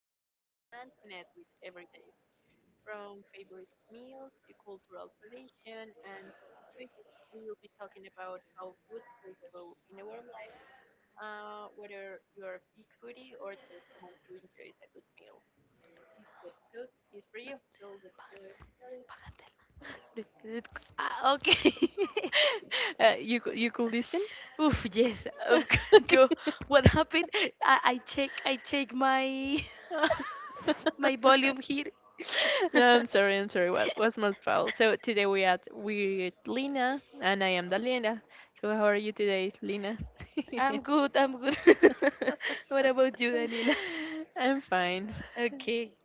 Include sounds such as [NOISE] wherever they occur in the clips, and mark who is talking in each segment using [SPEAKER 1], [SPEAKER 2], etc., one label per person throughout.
[SPEAKER 1] love, and connect with every day. From favorite meals to cultural tradition and choices, we will be talking about how food plays a role in our life, whether you are a big foodie or just someone who enjoys a good meal. This episode is for you, so let's get right started. [LAUGHS]
[SPEAKER 2] Págatela. Ah, okay.
[SPEAKER 1] You could listen.
[SPEAKER 2] [LAUGHS] Oof, yes. Of course, yo,
[SPEAKER 1] [LAUGHS]
[SPEAKER 2] [LAUGHS] what happened? I check my
[SPEAKER 1] My
[SPEAKER 2] [LAUGHS] my volume
[SPEAKER 1] volunteer.
[SPEAKER 2] here.
[SPEAKER 1] [LAUGHS] No, I'm
[SPEAKER 2] [LAUGHS]
[SPEAKER 1] sorry, I'm sorry. What was my fault? So today we are with Lina, and I am Dalina. So how are you today, Lina? [LAUGHS]
[SPEAKER 2] I'm good, I'm good. [LAUGHS] What about you, Daniela?
[SPEAKER 1] I'm fine.
[SPEAKER 2] Okay.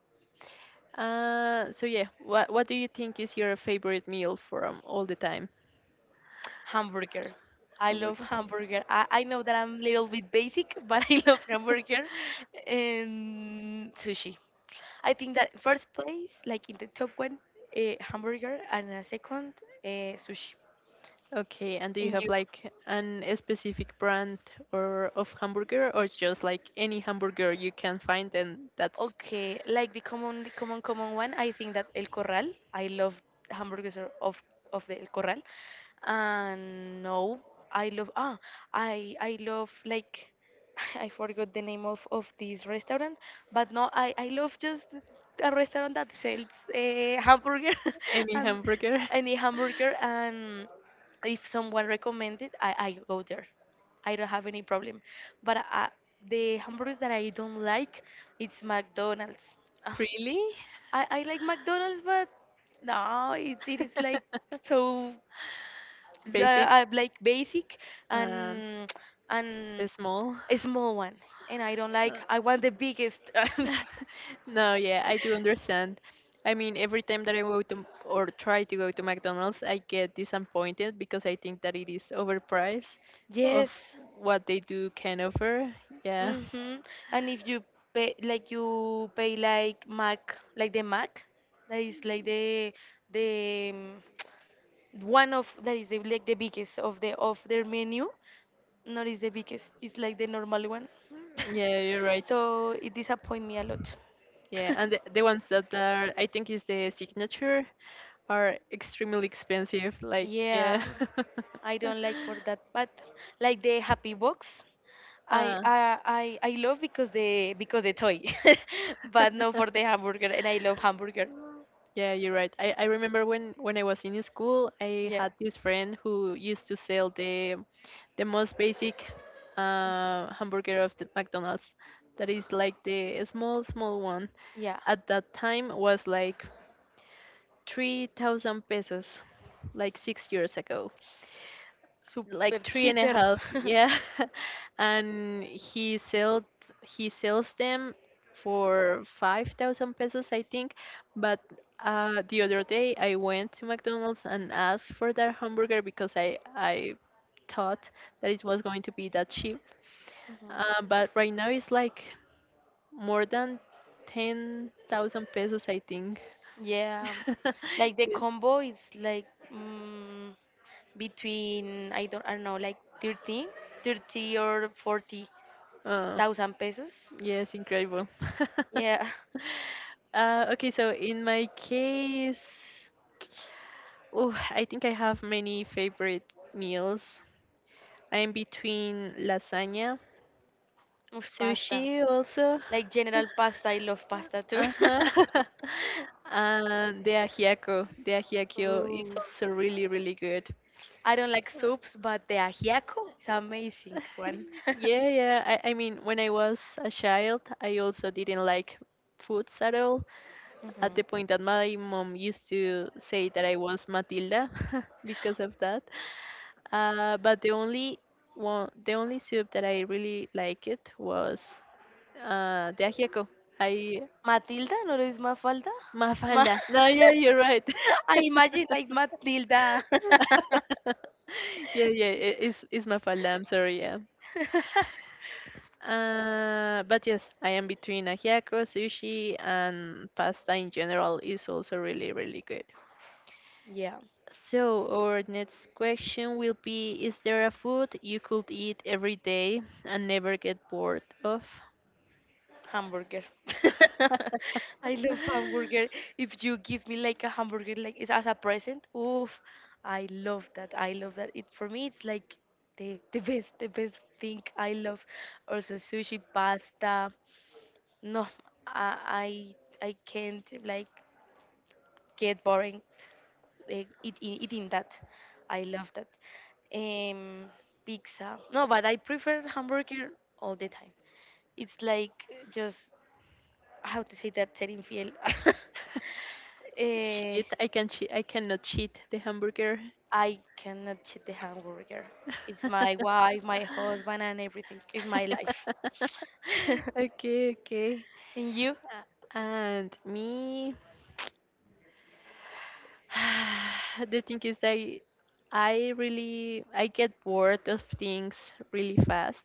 [SPEAKER 1] So yeah, what do you think is your favorite meal from all the time?
[SPEAKER 2] Hamburger.
[SPEAKER 1] [LAUGHS]
[SPEAKER 2] I love
[SPEAKER 1] Hamburger.
[SPEAKER 2] hamburger. I know that I'm a little bit basic, [LAUGHS] but I love hamburger and sushi. I think that first place, like in the top one, hamburger, and a second, uh, sushi.
[SPEAKER 1] Okay, and do you
[SPEAKER 2] And
[SPEAKER 1] have
[SPEAKER 2] you?
[SPEAKER 1] like an a specific brand or of hamburger, or just like any hamburger you can find, and that's?
[SPEAKER 2] Okay, like the common one. I think that El Corral. I love hamburgers are of the El Corral, and no, I love I love like [LAUGHS] I forgot the name of this restaurant, but no, I love just a restaurant that sells a hamburger [LAUGHS]
[SPEAKER 1] Any
[SPEAKER 2] and
[SPEAKER 1] hamburger? [LAUGHS]
[SPEAKER 2] any hamburger, and if someone recommends it, I go there. I don't have any problem. But the hamburgers that I don't like, it's McDonald's. Ah,
[SPEAKER 1] Really?
[SPEAKER 2] I like McDonald's, but no, it is like
[SPEAKER 1] [LAUGHS]
[SPEAKER 2] so,
[SPEAKER 1] Basic
[SPEAKER 2] like basic,
[SPEAKER 1] and
[SPEAKER 2] and and
[SPEAKER 1] small.
[SPEAKER 2] a small one, and I don't
[SPEAKER 1] Uh,
[SPEAKER 2] like. I want the biggest. [LAUGHS]
[SPEAKER 1] [LAUGHS] No, yeah, I do understand. I mean, every time that I go to or try to go to McDonald's, I get disappointed because I think that it is overpriced of
[SPEAKER 2] Yes.
[SPEAKER 1] what they do can offer. Yeah,
[SPEAKER 2] Mm-hmm. And if you pay like you pay like Mac, like the Mac, that is like the one of that is the, like the biggest of their menu, not is the biggest, it's like the normal one. [LAUGHS]
[SPEAKER 1] [LAUGHS] yeah, you're right.
[SPEAKER 2] So it disappoint me a lot.
[SPEAKER 1] Yeah, and the,
[SPEAKER 2] [LAUGHS]
[SPEAKER 1] the ones that are, I think, is the signature, are extremely expensive. Like, yeah.
[SPEAKER 2] Yeah, I
[SPEAKER 1] [LAUGHS]
[SPEAKER 2] don't like for that, but like the happy box, I
[SPEAKER 1] uh,
[SPEAKER 2] I I love because the toy, [LAUGHS] but not for the hamburger, and I love hamburger.
[SPEAKER 1] yeah, you're right. I remember when I was in school, I
[SPEAKER 2] Yeah,
[SPEAKER 1] had this friend who used to sell the most basic hamburger of the McDonald's. That is like the small, small one.
[SPEAKER 2] yeah,
[SPEAKER 1] At that time was like 3,000 pesos, like 6 years ago,
[SPEAKER 2] super
[SPEAKER 1] like three and a
[SPEAKER 2] cheaper.
[SPEAKER 1] half. Yeah
[SPEAKER 2] [LAUGHS]
[SPEAKER 1] [LAUGHS] And he sells them for 5,000 pesos, I think. But the other day I went to McDonald's and asked for that hamburger because I thought that it was going to be that cheap.
[SPEAKER 2] Mhm.
[SPEAKER 1] But right now it's like more than 10,000 pesos, I think.
[SPEAKER 2] Yeah,
[SPEAKER 1] [LAUGHS]
[SPEAKER 2] like the
[SPEAKER 1] It-
[SPEAKER 2] combo is like, mm, between, I don't know, like 13, 30, or 40
[SPEAKER 1] Oh,
[SPEAKER 2] thousand pesos.
[SPEAKER 1] yes, incredible.
[SPEAKER 2] Yeah,
[SPEAKER 1] [LAUGHS] Okay, so in my case, oh, I think I have many favorite meals. I am between lasagna,
[SPEAKER 2] [LAUGHS] much
[SPEAKER 1] sushi
[SPEAKER 2] pasta.
[SPEAKER 1] also.
[SPEAKER 2] Like general pasta, I love pasta too.
[SPEAKER 1] Uh-huh. [LAUGHS] And the ajiaco. The
[SPEAKER 2] [LAUGHS]
[SPEAKER 1] ajiaco is
[SPEAKER 2] Ooh,
[SPEAKER 1] also really, really good.
[SPEAKER 2] I don't like soups, but the ajiaco is amazing one.
[SPEAKER 1] [LAUGHS] Yeah,
[SPEAKER 2] [LAUGHS]
[SPEAKER 1] yeah. I mean, when I was a child, I also didn't like foods at all,
[SPEAKER 2] Mhm.
[SPEAKER 1] at the point that my mom used to say that I was Matilda [LAUGHS] because of that. But the only one, The only soup that I really liked it was the ajiaco. I
[SPEAKER 2] Matilda, no lo es Mafalda? Ma-
[SPEAKER 1] Mafalda. No, yeah, you're right.
[SPEAKER 2] [LAUGHS] I imagine like Matilda. [LAUGHS]
[SPEAKER 1] [LAUGHS] Yeah, yeah, it's it's Mafalda. I'm sorry. Yeah. But yes, I am between ajiaco, sushi, and pasta in general is also really, really good.
[SPEAKER 2] Yeah.
[SPEAKER 1] So, our next question will be, is there a food you could eat every day and never get bored of?
[SPEAKER 2] Hamburger. [LAUGHS] I love hamburger.
[SPEAKER 1] [LAUGHS]
[SPEAKER 2] If you give me like a hamburger like it's as a present, oof, I love that. I love that. It, for me, it's like the best thing I love. Also sushi, pasta. No, I I can't like get boring, eating that. I love that. Um, Pizza. No, but I prefer hamburger all the time. It's like, just how to say that, ser infiel. [LAUGHS] Eh,
[SPEAKER 1] Shit, I can I cannot cheat the hamburger.
[SPEAKER 2] I cannot see the hamburger. It's my
[SPEAKER 1] [LAUGHS]
[SPEAKER 2] wife, my husband, and everything. It's my life. [LAUGHS]
[SPEAKER 1] Okay, okay.
[SPEAKER 2] And you?
[SPEAKER 1] And me, [SIGHS] the thing is that I get bored of things really fast.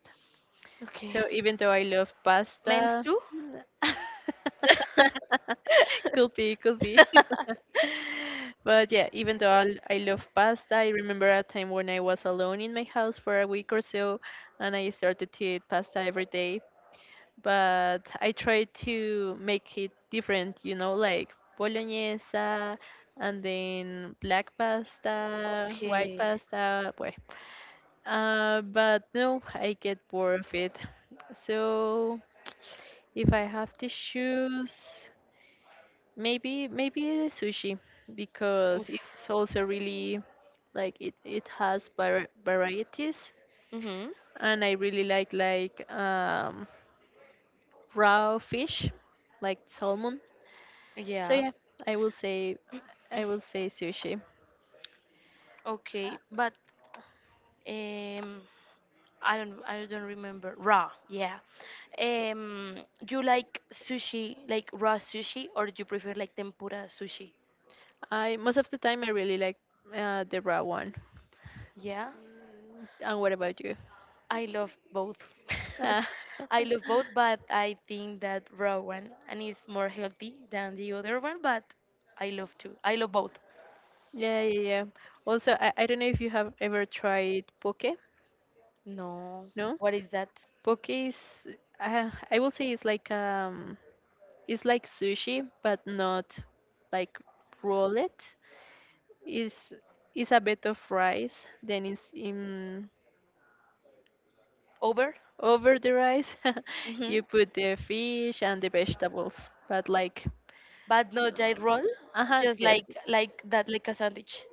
[SPEAKER 2] Okay.
[SPEAKER 1] So even though I love
[SPEAKER 2] Men's
[SPEAKER 1] pasta,
[SPEAKER 2] too?
[SPEAKER 1] [LAUGHS]
[SPEAKER 2] [LAUGHS]
[SPEAKER 1] could be, could be. [LAUGHS] But yeah, even though I love pasta, I remember a time when I was alone in my house for a week or so, and I started to eat pasta every day. But I tried to make it different, you know, like bolognese, and then black pasta, white
[SPEAKER 2] Okay.
[SPEAKER 1] pasta. Well, but no, I get bored of it. So if I have to choose, maybe the sushi, because
[SPEAKER 2] Oof.
[SPEAKER 1] it's also really like it has varieties,
[SPEAKER 2] Mhm.
[SPEAKER 1] and I really like raw fish, like salmon. So
[SPEAKER 2] Yeah.
[SPEAKER 1] yeah, I will say I will say sushi.
[SPEAKER 2] Okay. But Um, I don't remember. Raw, yeah. Um, you like sushi, like raw sushi, or do you prefer like tempura sushi?
[SPEAKER 1] I most of the time I really like the raw one.
[SPEAKER 2] Yeah,
[SPEAKER 1] And what about you?
[SPEAKER 2] I love both.
[SPEAKER 1] Ah.
[SPEAKER 2] [LAUGHS] I
[SPEAKER 1] [LAUGHS]
[SPEAKER 2] love both, but I think that raw one and it's more healthy than the other one, but I love too. I love both.
[SPEAKER 1] Yeah, yeah, yeah. Also, I don't know if you have ever tried poke.
[SPEAKER 2] No,
[SPEAKER 1] No,
[SPEAKER 2] what is that?
[SPEAKER 1] poke is I will say it's like sushi, but not like roll it. Is is a bit of rice. Then it's in
[SPEAKER 2] Over?
[SPEAKER 1] over the rice. [LAUGHS]
[SPEAKER 2] Hmm.
[SPEAKER 1] You put the fish and the vegetables, but like
[SPEAKER 2] But no gyro roll,
[SPEAKER 1] uh huh
[SPEAKER 2] just
[SPEAKER 1] yes.
[SPEAKER 2] like that, like a sandwich,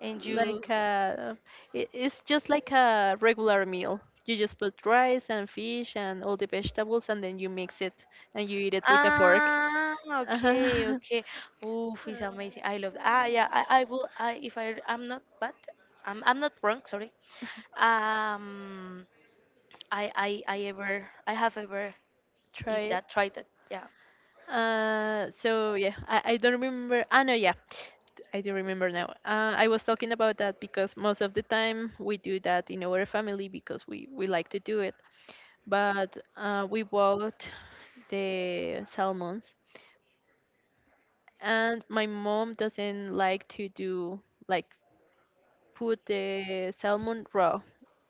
[SPEAKER 2] and you.
[SPEAKER 1] Like a, it's just like a regular meal. You just put rice and fish and all the vegetables, and then you mix it and you eat it with a fork.
[SPEAKER 2] Ah, okay,
[SPEAKER 1] Uh-huh. [LAUGHS]
[SPEAKER 2] okay. Oof, it's amazing. I love that. Ah, yeah, I will. I if I'm not bad. I'm not wrong. Sorry.
[SPEAKER 1] Uh,
[SPEAKER 2] Um, I have ever
[SPEAKER 1] Try
[SPEAKER 2] eat
[SPEAKER 1] it.
[SPEAKER 2] that. Tried that. Yeah.
[SPEAKER 1] So yeah, I don't remember. Ah, no, yeah, I do remember now. I was talking about that because most of the time we do that in our family because we like to do it. But we bought the salmons and my mom doesn't like to do like put the salmon raw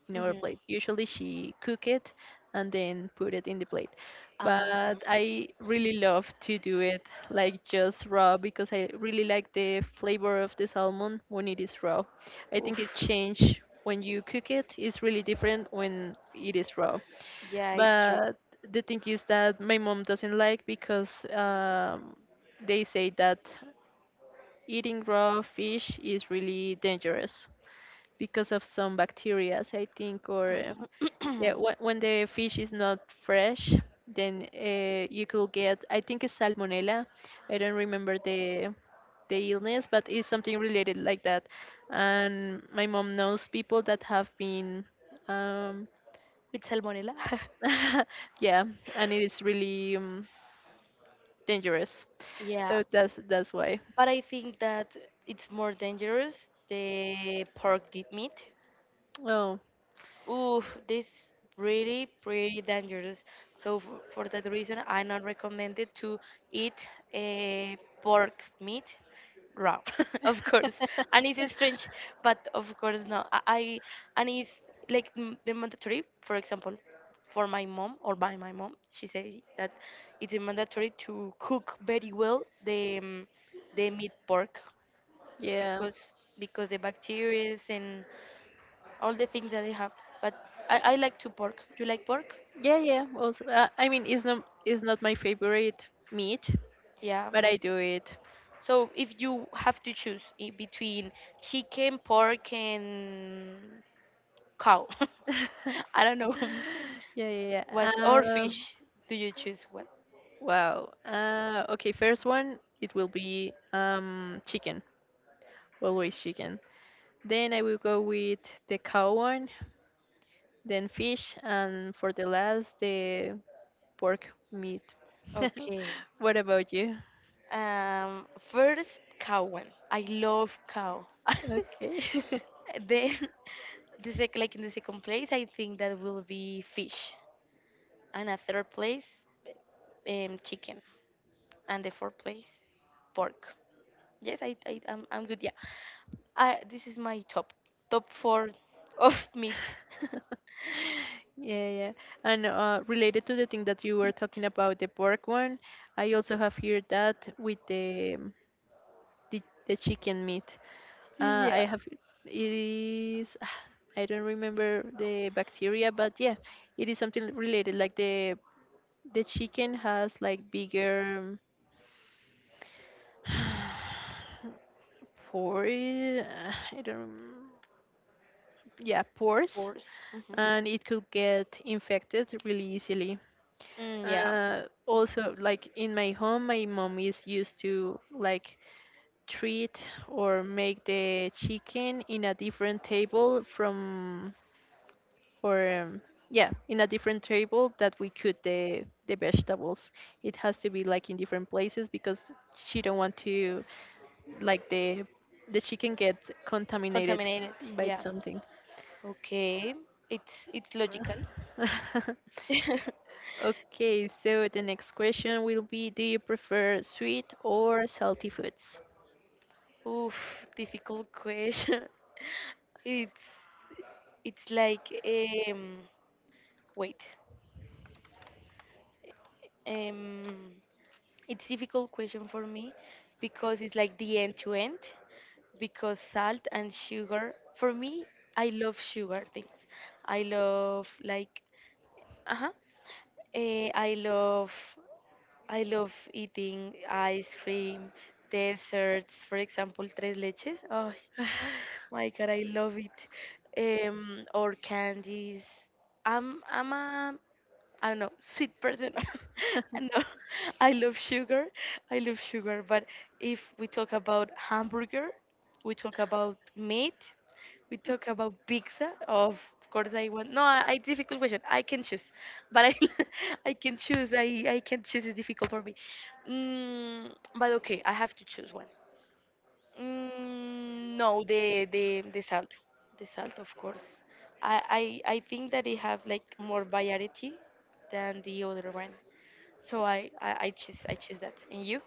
[SPEAKER 1] in our plate.
[SPEAKER 2] Mhm.
[SPEAKER 1] Usually she cook it and then put it in the plate.
[SPEAKER 2] Uh,
[SPEAKER 1] But I really love to do it like just raw because I really like the flavor of the salmon when it is raw. I think
[SPEAKER 2] Oof.
[SPEAKER 1] it change when you cook it. It's really different when it is raw.
[SPEAKER 2] Yeah, it's true.
[SPEAKER 1] But the thing is that my mom doesn't like because they say that eating raw fish is really dangerous because of some bacteria, I think, or yeah,
[SPEAKER 2] Um,
[SPEAKER 1] when the fish is not fresh, then you could get, I think it's salmonella. I don't remember the illness, but it's something related like that. And my mom knows people that have been, um,
[SPEAKER 2] [CLEARS THROAT] with salmonella. [LAUGHS]
[SPEAKER 1] [LAUGHS] yeah, and it is really dangerous.
[SPEAKER 2] Yeah,
[SPEAKER 1] So that's why.
[SPEAKER 2] but I think that it's more dangerous, the pork deep meat.
[SPEAKER 1] Oh,
[SPEAKER 2] Oof, this really pretty dangerous. So, for that reason, I not recommended to eat a pork meat raw, [LAUGHS] of course. And it's strange, but of course no. I and it's like, the mandatory. For example, for my mom, or by my mom, she said that it's mandatory to cook very well the, the meat pork
[SPEAKER 1] yeah,
[SPEAKER 2] because the bacteria and all the things that they have. But I like to pork. You like pork?
[SPEAKER 1] yeah, yeah. Also, I mean, it's not my favorite meat,
[SPEAKER 2] Yeah,
[SPEAKER 1] but
[SPEAKER 2] me
[SPEAKER 1] I
[SPEAKER 2] too.
[SPEAKER 1] do it.
[SPEAKER 2] So if you have to choose, between chicken, pork, and cow, [LAUGHS]
[SPEAKER 1] [LAUGHS]
[SPEAKER 2] I don't know, [LAUGHS]
[SPEAKER 1] Yeah, yeah, yeah.
[SPEAKER 2] what or
[SPEAKER 1] Um,
[SPEAKER 2] fish, do you choose what?
[SPEAKER 1] wow. Okay, first one it will be chicken, always chicken. Then I will go with the cow one, then fish, and for the last, the pork meat.
[SPEAKER 2] Okay.
[SPEAKER 1] [LAUGHS] What about you?
[SPEAKER 2] Um, First, cow one. I love cow. [LAUGHS]
[SPEAKER 1] Okay. [LAUGHS]
[SPEAKER 2] Then [LAUGHS] the sec like in the second place, I think that will be fish. And a third place, chicken, and the fourth place, pork. Yes, I'm good. Yeah, I this is my top four of meat. [LAUGHS]
[SPEAKER 1] Yeah, yeah. And related to the thing that you were talking about, the pork one, I also have here that with the the chicken meat.
[SPEAKER 2] Mm,
[SPEAKER 1] I
[SPEAKER 2] yeah, of
[SPEAKER 1] have It is [SIGHS] I don't remember the bacteria, but yeah, it is something related like the. The chicken has like bigger [SIGHS] pores. I don't. Yeah, pores,
[SPEAKER 2] course. Mhm.
[SPEAKER 1] and it could get infected really easily.
[SPEAKER 2] Mm, yeah,
[SPEAKER 1] Also, like in my home, my mom is used to like treat or make the chicken in a different table from or yeah, in a different table that we cook the vegetables. It has to be like in different places because she don't want to like the chicken gets contaminated
[SPEAKER 2] contaminated.
[SPEAKER 1] by
[SPEAKER 2] Yeah.
[SPEAKER 1] something.
[SPEAKER 2] Okay, it's logical.
[SPEAKER 1] [LAUGHS]
[SPEAKER 2] [LAUGHS]
[SPEAKER 1] Okay, so the next question will be, do you prefer sweet or salty foods?
[SPEAKER 2] Oof, difficult question. [LAUGHS] It's, it's like wait. Um, it's difficult question for me, because it's like the end to end, because salt and sugar, for me, I love sugar things. I love like, uh-huh. Eh, I love I love eating ice cream, desserts, for example, tres leches. Oh, [GASPS] [SIGHS] my God, I love it. Or candies. I'm a, I don't know, sweet person. [LAUGHS]
[SPEAKER 1] [LAUGHS]
[SPEAKER 2] No, I love sugar. I love sugar. But if we talk about hamburger, we talk about meat. We talk about pizza. Of course, I want. No, I difficult question. I can choose, but I, [LAUGHS] I can choose. I can choose. It's difficult for me. Mm, but okay, I have to choose one. Mm, no, the salt, of course. I think that they have like more variety than the other one. So, I choose that. And you?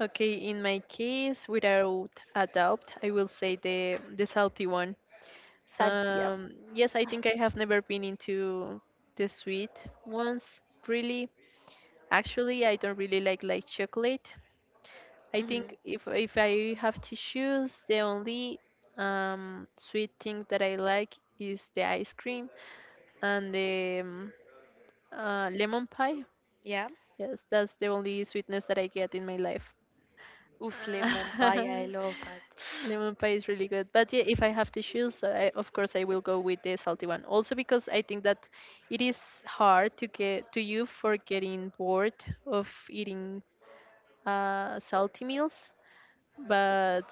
[SPEAKER 1] Okay, in my case, without a doubt, I will say the salty one.
[SPEAKER 2] Salt, yeah.
[SPEAKER 1] Yes, I think I have never been into the sweet ones, really. Actually, I don't really like chocolate. I
[SPEAKER 2] Hmm.
[SPEAKER 1] think if I have to choose, the only sweet thing that I like is the ice cream and the lemon pie.
[SPEAKER 2] Yeah.
[SPEAKER 1] Yes, that's the only sweetness that I get in my life.
[SPEAKER 2] Oof, lemon pie. I
[SPEAKER 1] [LAUGHS]
[SPEAKER 2] love that.
[SPEAKER 1] Lemon pie is really good, but yeah, if I have to choose, I, of course I will go with the salty one. Also because I think that it is hard to get to you for getting bored of eating salty meals, but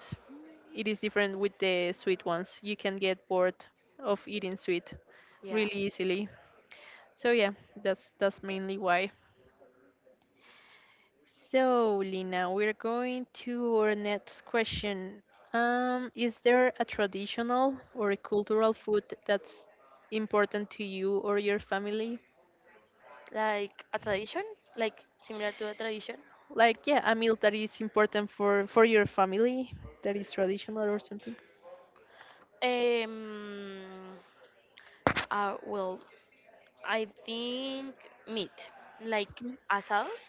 [SPEAKER 1] it is different with the sweet ones. You can get bored of eating sweet
[SPEAKER 2] Yeah.
[SPEAKER 1] really easily. So yeah, that's mainly why. So Lina, we're going to our next question. Is there a traditional or a cultural food that's important to you or your family?
[SPEAKER 2] Like a tradition, like similar to a tradition.
[SPEAKER 1] Like yeah, a meal that is important for your family that is traditional or something.
[SPEAKER 2] Um, well, I think meat, like asados,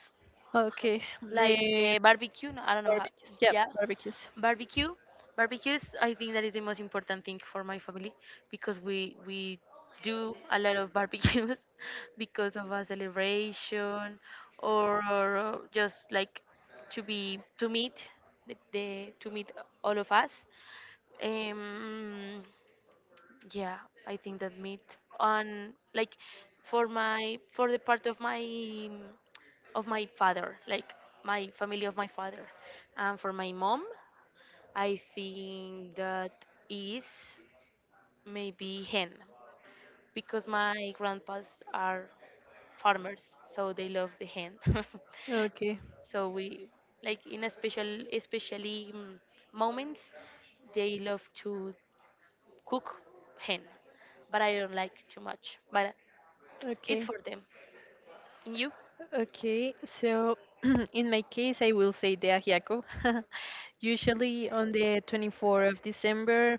[SPEAKER 1] Okay,
[SPEAKER 2] like,
[SPEAKER 1] eh,
[SPEAKER 2] barbecue. No, I don't know how.
[SPEAKER 1] barbecues. Yeah,
[SPEAKER 2] Yeah,
[SPEAKER 1] barbecues.
[SPEAKER 2] barbecue. Barbecues, I think that is the most important thing for my family because we do a lot of barbecues [LAUGHS] because of a celebration, or just like to be to meet, the to meet all of us. Um, yeah, I think that meat on like, for the part of my father, like my family of my father, and for my mom, I think that is maybe hen, because my grandpas are farmers, so they love the hen. [LAUGHS]
[SPEAKER 1] Okay.
[SPEAKER 2] So we like in a special especially mm, moments, they love to cook hen, but I don't like too much. But it's
[SPEAKER 1] Okay.
[SPEAKER 2] for them. And you?
[SPEAKER 1] Okay, so [CLEARS THROAT] in my case, I will say the ajiaco. [LAUGHS] Usually on the 24th of December,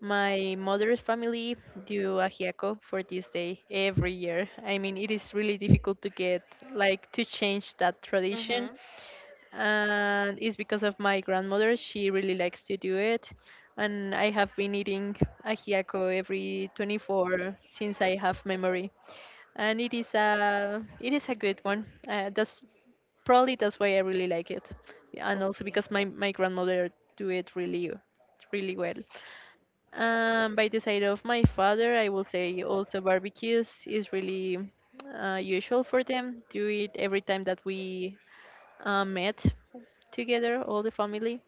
[SPEAKER 1] my mother's family do ajiaco for this day every year. I mean, it is really difficult to get, like, to change that tradition,
[SPEAKER 2] Mhm.
[SPEAKER 1] and it's because of my grandmother. She really likes to do it, and I have been eating ajiaco every 24 since I have memory, and it is a good one. That's Probably that's why I really like it, and also
[SPEAKER 2] Okay.
[SPEAKER 1] because my grandmother do it really really well. By the side of my father, I will say also barbecues is really usual for them. Do it every time that we met together, all the family.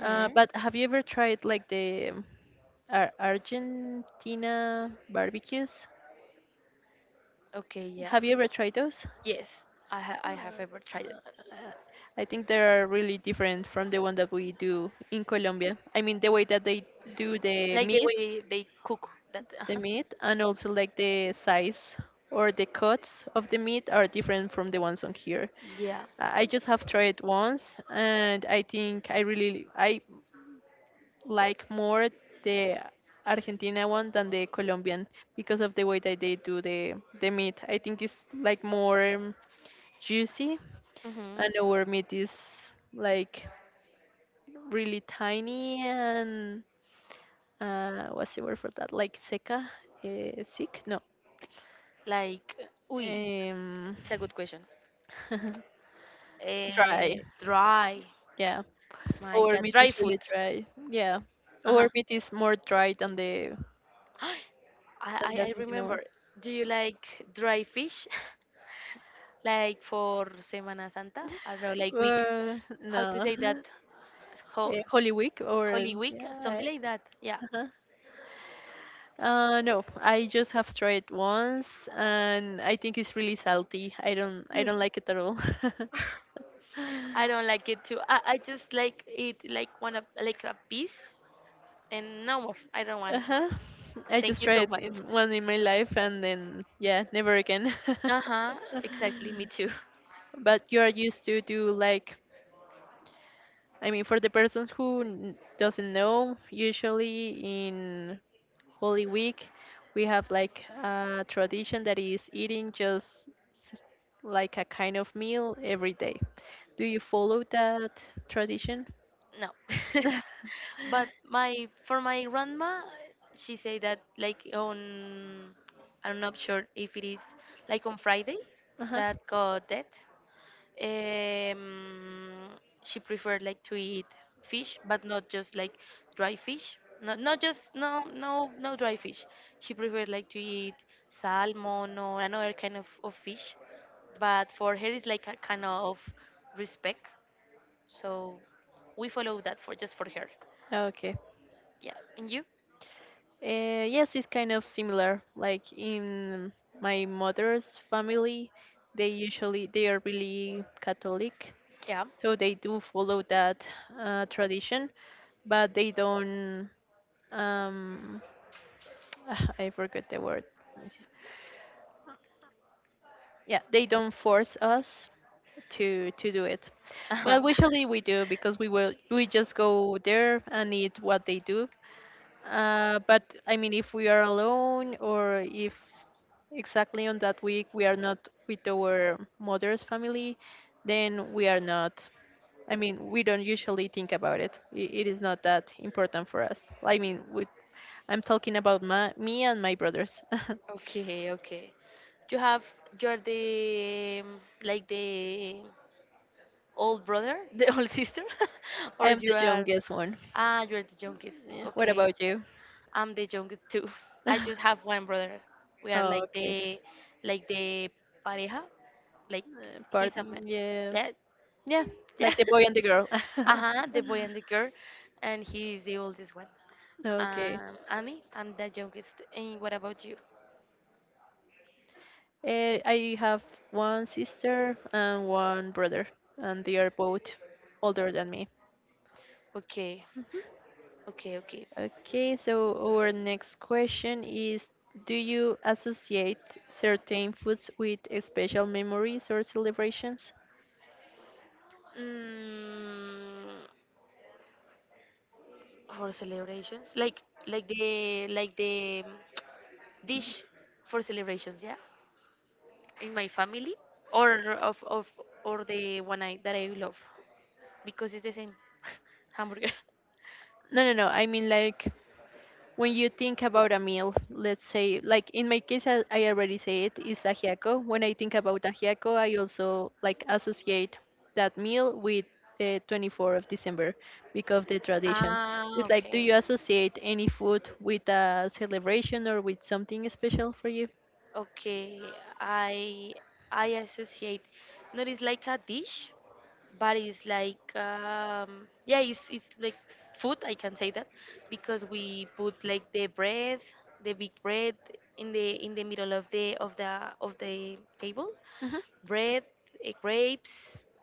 [SPEAKER 1] But have you ever tried like the Argentina barbecues?
[SPEAKER 2] Okay. Yeah.
[SPEAKER 1] Have you ever tried those?
[SPEAKER 2] Yes. I have ever tried it.
[SPEAKER 1] Uh, I think they are really different from the one that we do in Colombia. I mean, the way that they do
[SPEAKER 2] Like the way they cook that.
[SPEAKER 1] the
[SPEAKER 2] Uh-huh.
[SPEAKER 1] meat and also like the size or the cuts of the meat are different from the ones on here.
[SPEAKER 2] Yeah.
[SPEAKER 1] I just have tried once and I think I like more the Argentina one than the Colombian because of the way that they do the meat. I think it's like more juicy
[SPEAKER 2] Mhm.
[SPEAKER 1] and our meat is like really tiny and what's the word for that? Like seca? Sick? No.
[SPEAKER 2] Like, uy,
[SPEAKER 1] Um,
[SPEAKER 2] it's a good question.
[SPEAKER 1] [LAUGHS] dry.
[SPEAKER 2] Dry.
[SPEAKER 1] Yeah.
[SPEAKER 2] My
[SPEAKER 1] Our
[SPEAKER 2] God,
[SPEAKER 1] meat
[SPEAKER 2] dry
[SPEAKER 1] is
[SPEAKER 2] food.
[SPEAKER 1] really dry. Yeah.
[SPEAKER 2] Uh
[SPEAKER 1] Our
[SPEAKER 2] huh.
[SPEAKER 1] meat is more dry
[SPEAKER 2] [GASPS] I,
[SPEAKER 1] than
[SPEAKER 2] I
[SPEAKER 1] the
[SPEAKER 2] I
[SPEAKER 1] Argentina one.
[SPEAKER 2] remember. Do you like dry fish? [LAUGHS] Like for Semana Santa? I don't know, like week. How to
[SPEAKER 1] No.
[SPEAKER 2] say that? Ho-
[SPEAKER 1] Holy Week or
[SPEAKER 2] Holy Week,
[SPEAKER 1] yeah.
[SPEAKER 2] something like that. Yeah.
[SPEAKER 1] uh no, I just have tried once and I think it's really salty. I don't I
[SPEAKER 2] Mm.
[SPEAKER 1] don't like it at all. [LAUGHS]
[SPEAKER 2] I don't like it too. I just like eat like one of like a piece and no more. I don't want it.
[SPEAKER 1] Uh-huh. I
[SPEAKER 2] Thank
[SPEAKER 1] just
[SPEAKER 2] you so
[SPEAKER 1] tried it
[SPEAKER 2] much.
[SPEAKER 1] in one in my life, and then yeah, never again. [LAUGHS]
[SPEAKER 2] Uh-huh. Exactly, me too. [LAUGHS]
[SPEAKER 1] But you are used to do like, I mean, for the persons who doesn't know, usually in holy week we have like a tradition that is eating just s- like a kind of meal every day. Do you follow that tradition?
[SPEAKER 2] No. [LAUGHS]
[SPEAKER 1] [LAUGHS]
[SPEAKER 2] But my for my grandma, she say that like on I'm not sure if it is, like on Friday
[SPEAKER 1] Uh-huh.
[SPEAKER 2] that got dead, um she preferred like to eat fish, but not just like dry fish, not not just, no no no dry fish. She preferred like to eat salmon or another kind of fish, but for her it's like a kind of respect, so we follow that for just for her.
[SPEAKER 1] Okay.
[SPEAKER 2] Yeah. And you?
[SPEAKER 1] Uh, yes, it's kind of similar. Like in my mother's family, they usually they are really Catholic,
[SPEAKER 2] Yeah.
[SPEAKER 1] so they do follow that tradition, but they don't. Um, [SIGHS] [TSK] I forget the word. Let me see. Yeah, they don't force us to do it, but
[SPEAKER 2] Uh-huh. [LAUGHS]
[SPEAKER 1] usually we do because we just go there and eat what they do. But I mean, if we are alone or if exactly on that week we are not with our mother's family, then we are not. I mean, we don't usually think about it. It is not that important for us. I mean, with, I'm talking about my, me and my brothers. [LAUGHS]
[SPEAKER 2] Okay, okay. You have you're the, like the old brother, [LAUGHS] the old sister, [LAUGHS]
[SPEAKER 1] I
[SPEAKER 2] or
[SPEAKER 1] am
[SPEAKER 2] you
[SPEAKER 1] the
[SPEAKER 2] are
[SPEAKER 1] youngest one.
[SPEAKER 2] ah you're the youngest.
[SPEAKER 1] Yeah. What
[SPEAKER 2] Okay,
[SPEAKER 1] about you?
[SPEAKER 2] I'm the youngest too. [LAUGHS] I just
[SPEAKER 1] [LAUGHS]
[SPEAKER 2] have one brother. We are
[SPEAKER 1] Oh,
[SPEAKER 2] like
[SPEAKER 1] okay.
[SPEAKER 2] the, like the pareja, like
[SPEAKER 1] Part,
[SPEAKER 2] he's a
[SPEAKER 1] yeah.
[SPEAKER 2] man.
[SPEAKER 1] Yeah,
[SPEAKER 2] Yeah.
[SPEAKER 1] like the boy
[SPEAKER 2] [LAUGHS]
[SPEAKER 1] and the girl.
[SPEAKER 2] Uh-huh, the boy and the
[SPEAKER 1] [LAUGHS]
[SPEAKER 2] girl, and he is the oldest one.
[SPEAKER 1] Okay.
[SPEAKER 2] And me, I'm the youngest. And what about you?
[SPEAKER 1] I have one sister and one brother, and they are both older than me.
[SPEAKER 2] Okay,
[SPEAKER 1] Mhm.
[SPEAKER 2] okay, okay.
[SPEAKER 1] Okay, so our next question is, do you associate certain foods with special memories or celebrations?
[SPEAKER 2] Mm, for celebrations, like, like the dish for celebrations, yeah, in my family or of or the one I that I love because it's the same [LAUGHS] hamburger.
[SPEAKER 1] No, no, no. I mean, like, when you think about a meal, let's say, like in my case, I already say it is ajiaco. When I think about ajiaco, I also like associate that meal with the 24th of December because of the tradition.
[SPEAKER 2] Ah,
[SPEAKER 1] It's like, do
[SPEAKER 2] okay.
[SPEAKER 1] you associate any food with a celebration or with something special for you?
[SPEAKER 2] Okay, I I associate. Not it's like a dish, but it's like, yeah, it's like food. I can say that because we put like the bread, the big bread, in the middle of the table,
[SPEAKER 1] Hmm.
[SPEAKER 2] bread, grapes,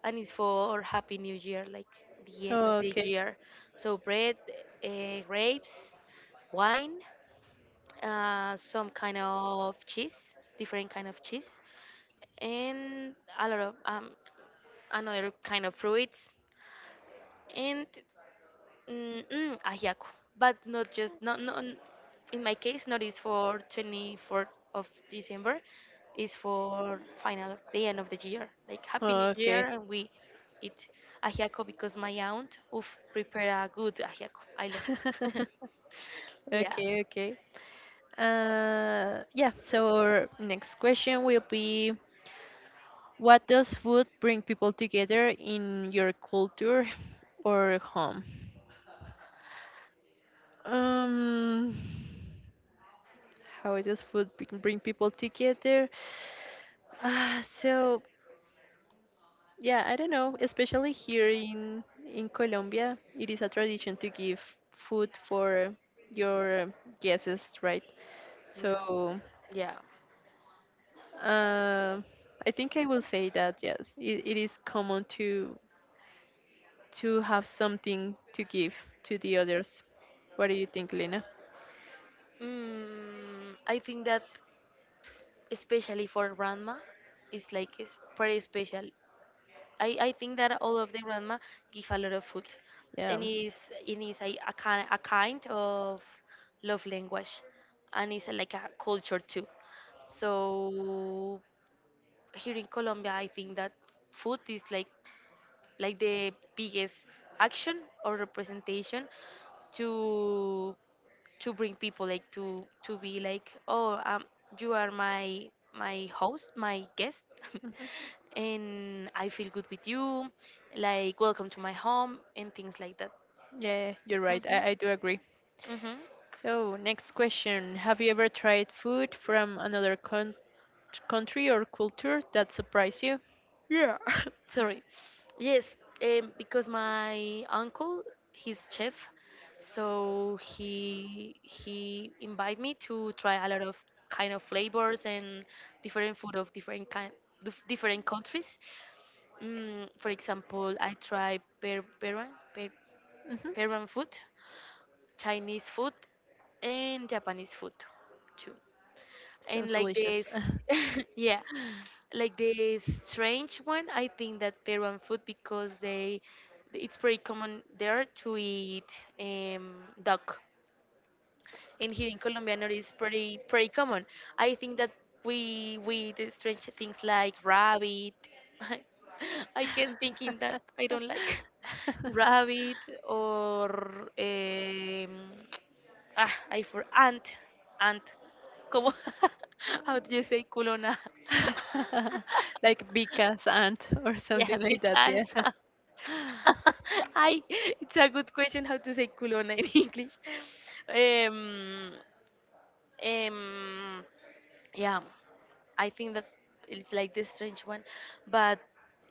[SPEAKER 2] and it's for Happy New Year, like the end of the
[SPEAKER 1] Okay.
[SPEAKER 2] year. So, bread, grapes, wine, some kind of cheese, different kind of cheese, and a lot of, another kind of fruits, and, ajiaco, but not just, not not in my case, not is for 24th of December, is for final the end of the year, like Happy New Year,
[SPEAKER 1] Okay.
[SPEAKER 2] and we eat ajiaco because my aunt, oof, prepare a good ajiaco. I love that.
[SPEAKER 1] [LAUGHS]
[SPEAKER 2] [LAUGHS] Yeah,
[SPEAKER 1] Okay, okay. Yeah, so our next question will be, what does food bring people together in your culture or home? Um, how does food bring people together? So yeah, I don't know. Especially here in Colombia, it is a tradition to give food for your guests, right? So,
[SPEAKER 2] mm, yeah.
[SPEAKER 1] uh, I think I will say that yes, it is common to have something to give to the others. What do you think, Lena?
[SPEAKER 2] Mm, I think that, especially for grandma, it's pretty special. I think that all of the grandma give a lot of food,
[SPEAKER 1] Yeah.
[SPEAKER 2] and
[SPEAKER 1] [LAUGHS]
[SPEAKER 2] is it is a kind of love language, and it's like a culture too. So here in Colombia, I think that food is like the biggest action or representation to to bring people like to be like you are my host my guest [LAUGHS]
[SPEAKER 1] Mhm.
[SPEAKER 2] and I feel good with you like welcome to my home and things like that.
[SPEAKER 1] Yeah, you're right.
[SPEAKER 2] hmm
[SPEAKER 1] I do agree.
[SPEAKER 2] hmm
[SPEAKER 1] So, next question. Have you ever tried food from another country or culture that surprised you?
[SPEAKER 2] Yeah. [LAUGHS] Sorry. Yes, because my uncle, he's chef, so he invited me to try a lot of kind of flavors and different food of different kind, different countries. For example, I tried per,
[SPEAKER 1] Hmm.
[SPEAKER 2] Peruan food, Chinese food, and Japanese food too and
[SPEAKER 1] Sounds
[SPEAKER 2] like
[SPEAKER 1] delicious.
[SPEAKER 2] this. [LAUGHS] Yeah, like the strange one. I think that Peruan food because they, it's pretty common there to eat um duck. And here
[SPEAKER 1] [LAUGHS]
[SPEAKER 2] in Colombia, Colombiano is pretty common. I think that we do strange things like rabbit. [LAUGHS] I I can think in that I don't like [LAUGHS] rabbit or um, [TSK] ah I for ant ant. Como [LAUGHS] how do you say culona?
[SPEAKER 1] [LAUGHS] Like
[SPEAKER 2] [LAUGHS]
[SPEAKER 1] Vika's aunt [LAUGHS] or
[SPEAKER 2] Yeah,
[SPEAKER 1] something like that,
[SPEAKER 2] because
[SPEAKER 1] yeah.
[SPEAKER 2] [LAUGHS] I it's a good question how to say culona in [LAUGHS] English. Um, um, yeah, I think that it's like the strange one, but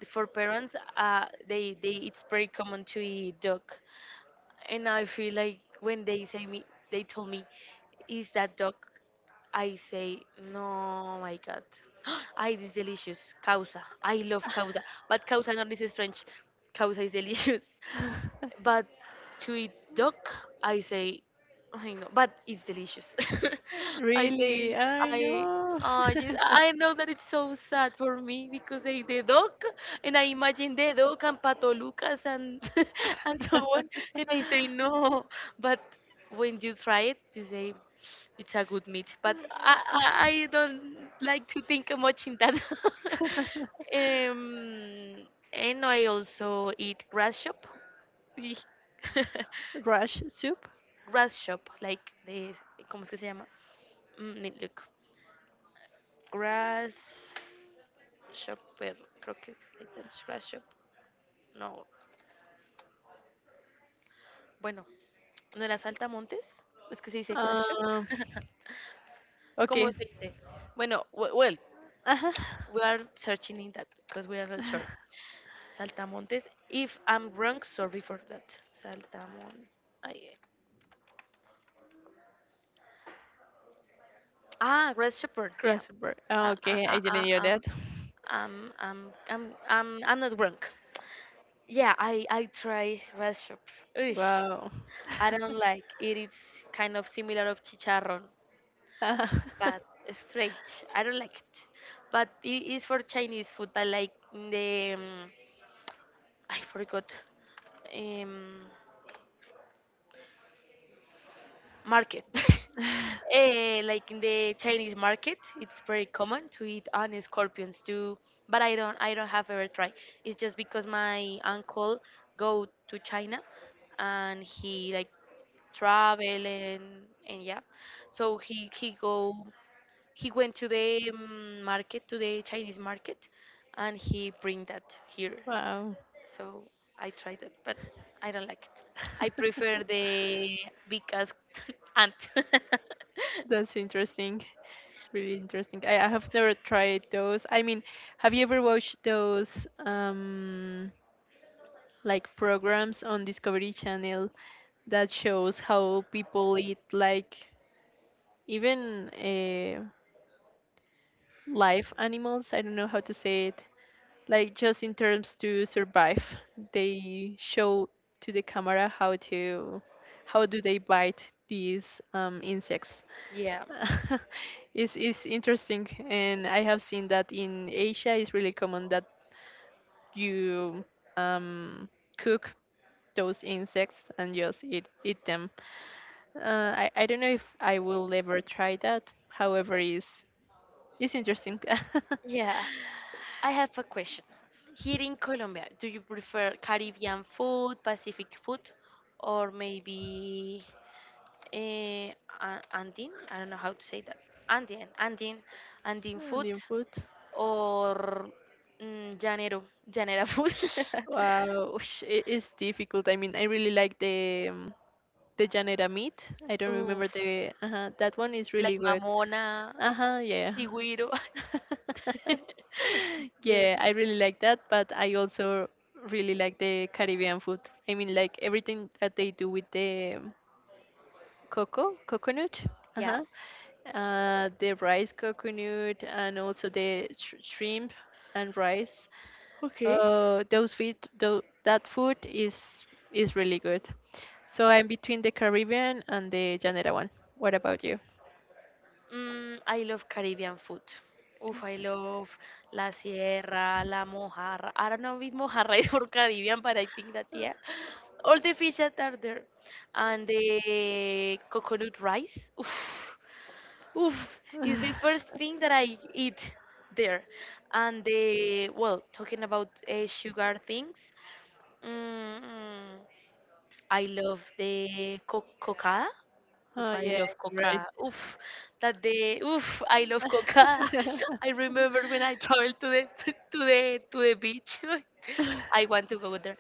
[SPEAKER 2] for parents, they it's very common to
[SPEAKER 1] [LAUGHS] [LAUGHS]
[SPEAKER 2] eat dog, and I feel like when they say me, they told me, is that dog? I say, no, my God, [GASPS] I this delicious causa. I love causa, but causa not is strange. Causa is delicious. But to eat duck, I say, I know, but it's delicious. [LAUGHS] I say,
[SPEAKER 1] Really? I
[SPEAKER 2] I,
[SPEAKER 1] know.
[SPEAKER 2] just, I know that it's so sad for me because I eat the duck and I imagine the duck and Pato Lucas and [LAUGHS] and so on, and I say no.
[SPEAKER 1] [LAUGHS]
[SPEAKER 2] But when you try it, you say it's a good meat. But I don't like to think much in that.
[SPEAKER 1] [LAUGHS]
[SPEAKER 2] [LAUGHS] um, and I also eat grass shop Y- [LAUGHS]
[SPEAKER 1] Rush soup.
[SPEAKER 2] grass shop, like de, ¿cómo es que se llama? Mm, need look. Grass shopper, creo que es like that, grass shop. No, bueno, ¿no era saltamontes? Es que se dice grass shop.
[SPEAKER 1] Um.
[SPEAKER 2] [LAUGHS] ¿Cómo
[SPEAKER 1] Okay.
[SPEAKER 2] se
[SPEAKER 1] [LAUGHS]
[SPEAKER 2] dice? Bueno, well,
[SPEAKER 1] Uh huh.
[SPEAKER 2] we are searching in that because we are not sure. Saltamontes. If I'm wrong, sorry for that. Saltamon, ay, eh. Ah, grass shopper, yeah.
[SPEAKER 1] Grasshopper. Oh,
[SPEAKER 2] Ah, ah,
[SPEAKER 1] okay, I
[SPEAKER 2] ah,
[SPEAKER 1] didn't
[SPEAKER 2] ah,
[SPEAKER 1] know that.
[SPEAKER 2] I'm not wrong. Yeah, I try red soup. Oosh,
[SPEAKER 1] Wow.
[SPEAKER 2] I don't like it. It's kind of similar of chicharron, but strange. I don't like it. But it is for Chinese food, but like in the I forgot. Um, market. [LAUGHS] Eh, like in the Chinese market, it's very common to eat and scorpions too. But I don't have ever tried. It's just because my
[SPEAKER 1] [LAUGHS] [LAUGHS] Go
[SPEAKER 2] uncle
[SPEAKER 1] to
[SPEAKER 2] go to China,
[SPEAKER 1] China and
[SPEAKER 2] and
[SPEAKER 1] he
[SPEAKER 2] he
[SPEAKER 1] like
[SPEAKER 2] like travel and yeah. So
[SPEAKER 1] traveled so
[SPEAKER 2] he went to the market to the Chinese
[SPEAKER 1] he
[SPEAKER 2] market, and
[SPEAKER 1] and
[SPEAKER 2] he bring that
[SPEAKER 1] here.
[SPEAKER 2] here
[SPEAKER 1] Wow.
[SPEAKER 2] so I tried it, but I don't like it.
[SPEAKER 1] I
[SPEAKER 2] I
[SPEAKER 1] [LAUGHS] prefer
[SPEAKER 2] prefer the because
[SPEAKER 1] because
[SPEAKER 2] [LAUGHS] ant. [LAUGHS]
[SPEAKER 1] that's interesting. Really interesting. I have never tried those. I mean, have you ever watched those um like programs on Discovery Channel that shows how people eat like even live animals? I don't know how to say it. Like just in terms to survive, they show to the camera how to, how do they bite these insects?
[SPEAKER 2] Yeah,
[SPEAKER 1] [LAUGHS] It's interesting, and I have seen that in Asia it's really common that you um, cook those insects and just eat them. I don't know if I will ever try that. However, it's interesting. [LAUGHS]
[SPEAKER 2] yeah. I have a question. Here in Colombia, do you prefer Caribbean food, Pacific food, or maybe eh, Andean? I don't know how to say that. Andean, Andean, Andean
[SPEAKER 1] And
[SPEAKER 2] food,
[SPEAKER 1] input.
[SPEAKER 2] or mm, llanero, llanera food.
[SPEAKER 1] Wow, ush, it is difficult. I mean, I really like the Janera meat. I don't
[SPEAKER 2] [LAUGHS]
[SPEAKER 1] remember
[SPEAKER 2] Oof.
[SPEAKER 1] the that one is
[SPEAKER 2] Like
[SPEAKER 1] really good.
[SPEAKER 2] Mamona,
[SPEAKER 1] Uh-huh, yeah.
[SPEAKER 2] Chigüiro. [LAUGHS]
[SPEAKER 1] [LAUGHS]
[SPEAKER 2] Yes.
[SPEAKER 1] Yeah, I really like that, but I also really like the Caribbean food. I mean, like everything that they do with the cocoa, coconut,
[SPEAKER 2] Yeah.
[SPEAKER 1] uh-huh, the rice coconut, and also the shrimp and rice.
[SPEAKER 2] Okay.
[SPEAKER 1] Those food, that food is really good. So I'm between the Caribbean and the Janera one. What about you?
[SPEAKER 2] Mm, I love Caribbean food. Oof, I love La Sierra, La Mojarra. I don't know if Mojarra [LAUGHS] is for Caribbean, but I think that, yeah. All the fish that are there. And the coconut rice. Oof, oof, is the
[SPEAKER 1] [LAUGHS]
[SPEAKER 2] first thing that I eat there. And the, well, talking about sugar things. Mm, mm. I love the coca. Oof,
[SPEAKER 1] Oh
[SPEAKER 2] I
[SPEAKER 1] yeah,
[SPEAKER 2] love
[SPEAKER 1] you're
[SPEAKER 2] coca. Oof, that the oof, I love coca.
[SPEAKER 1] right.
[SPEAKER 2] [LAUGHS] I remember when I traveled to the [LAUGHS] to the beach. [LAUGHS] I want to go there,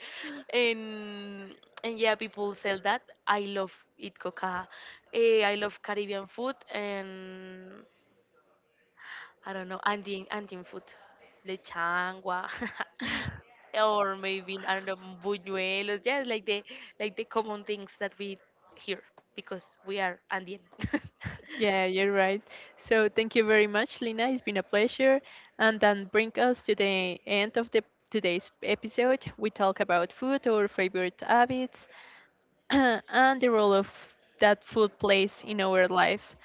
[SPEAKER 2] and and yeah, people sell that. I love eat coca. Eh, I love Caribbean food and I don't know, Andean, Andean food, lechangua, [LAUGHS] or maybe I don't know, buñuelos. Yeah, like the common things that we hear because we are Andean. [LAUGHS]
[SPEAKER 1] [LAUGHS] Yeah, you're right. So thank you very much, Lina. It's been a pleasure. And then bring us to the end of the today's episode. We talk about food, our favorite habits, [COUGHS] [CLEARS THROAT] and the role of that food plays in our life.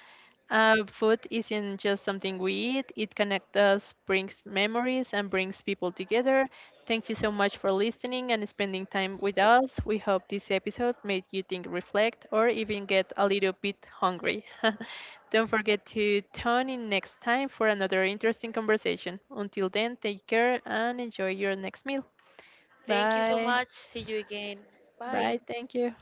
[SPEAKER 1] Food isn't just something we eat, it connects us, brings memories, and brings people together. Thank you so much for listening and spending time with us. We hope this episode made you think, reflect, or even get a little bit hungry. [LAUGHS] Don't forget to tune in next time for another interesting conversation. Until then, take care and enjoy your next meal.
[SPEAKER 2] Thank you so
[SPEAKER 1] Bye.
[SPEAKER 2] much. See you again. Bye.
[SPEAKER 1] Bye. Thank you.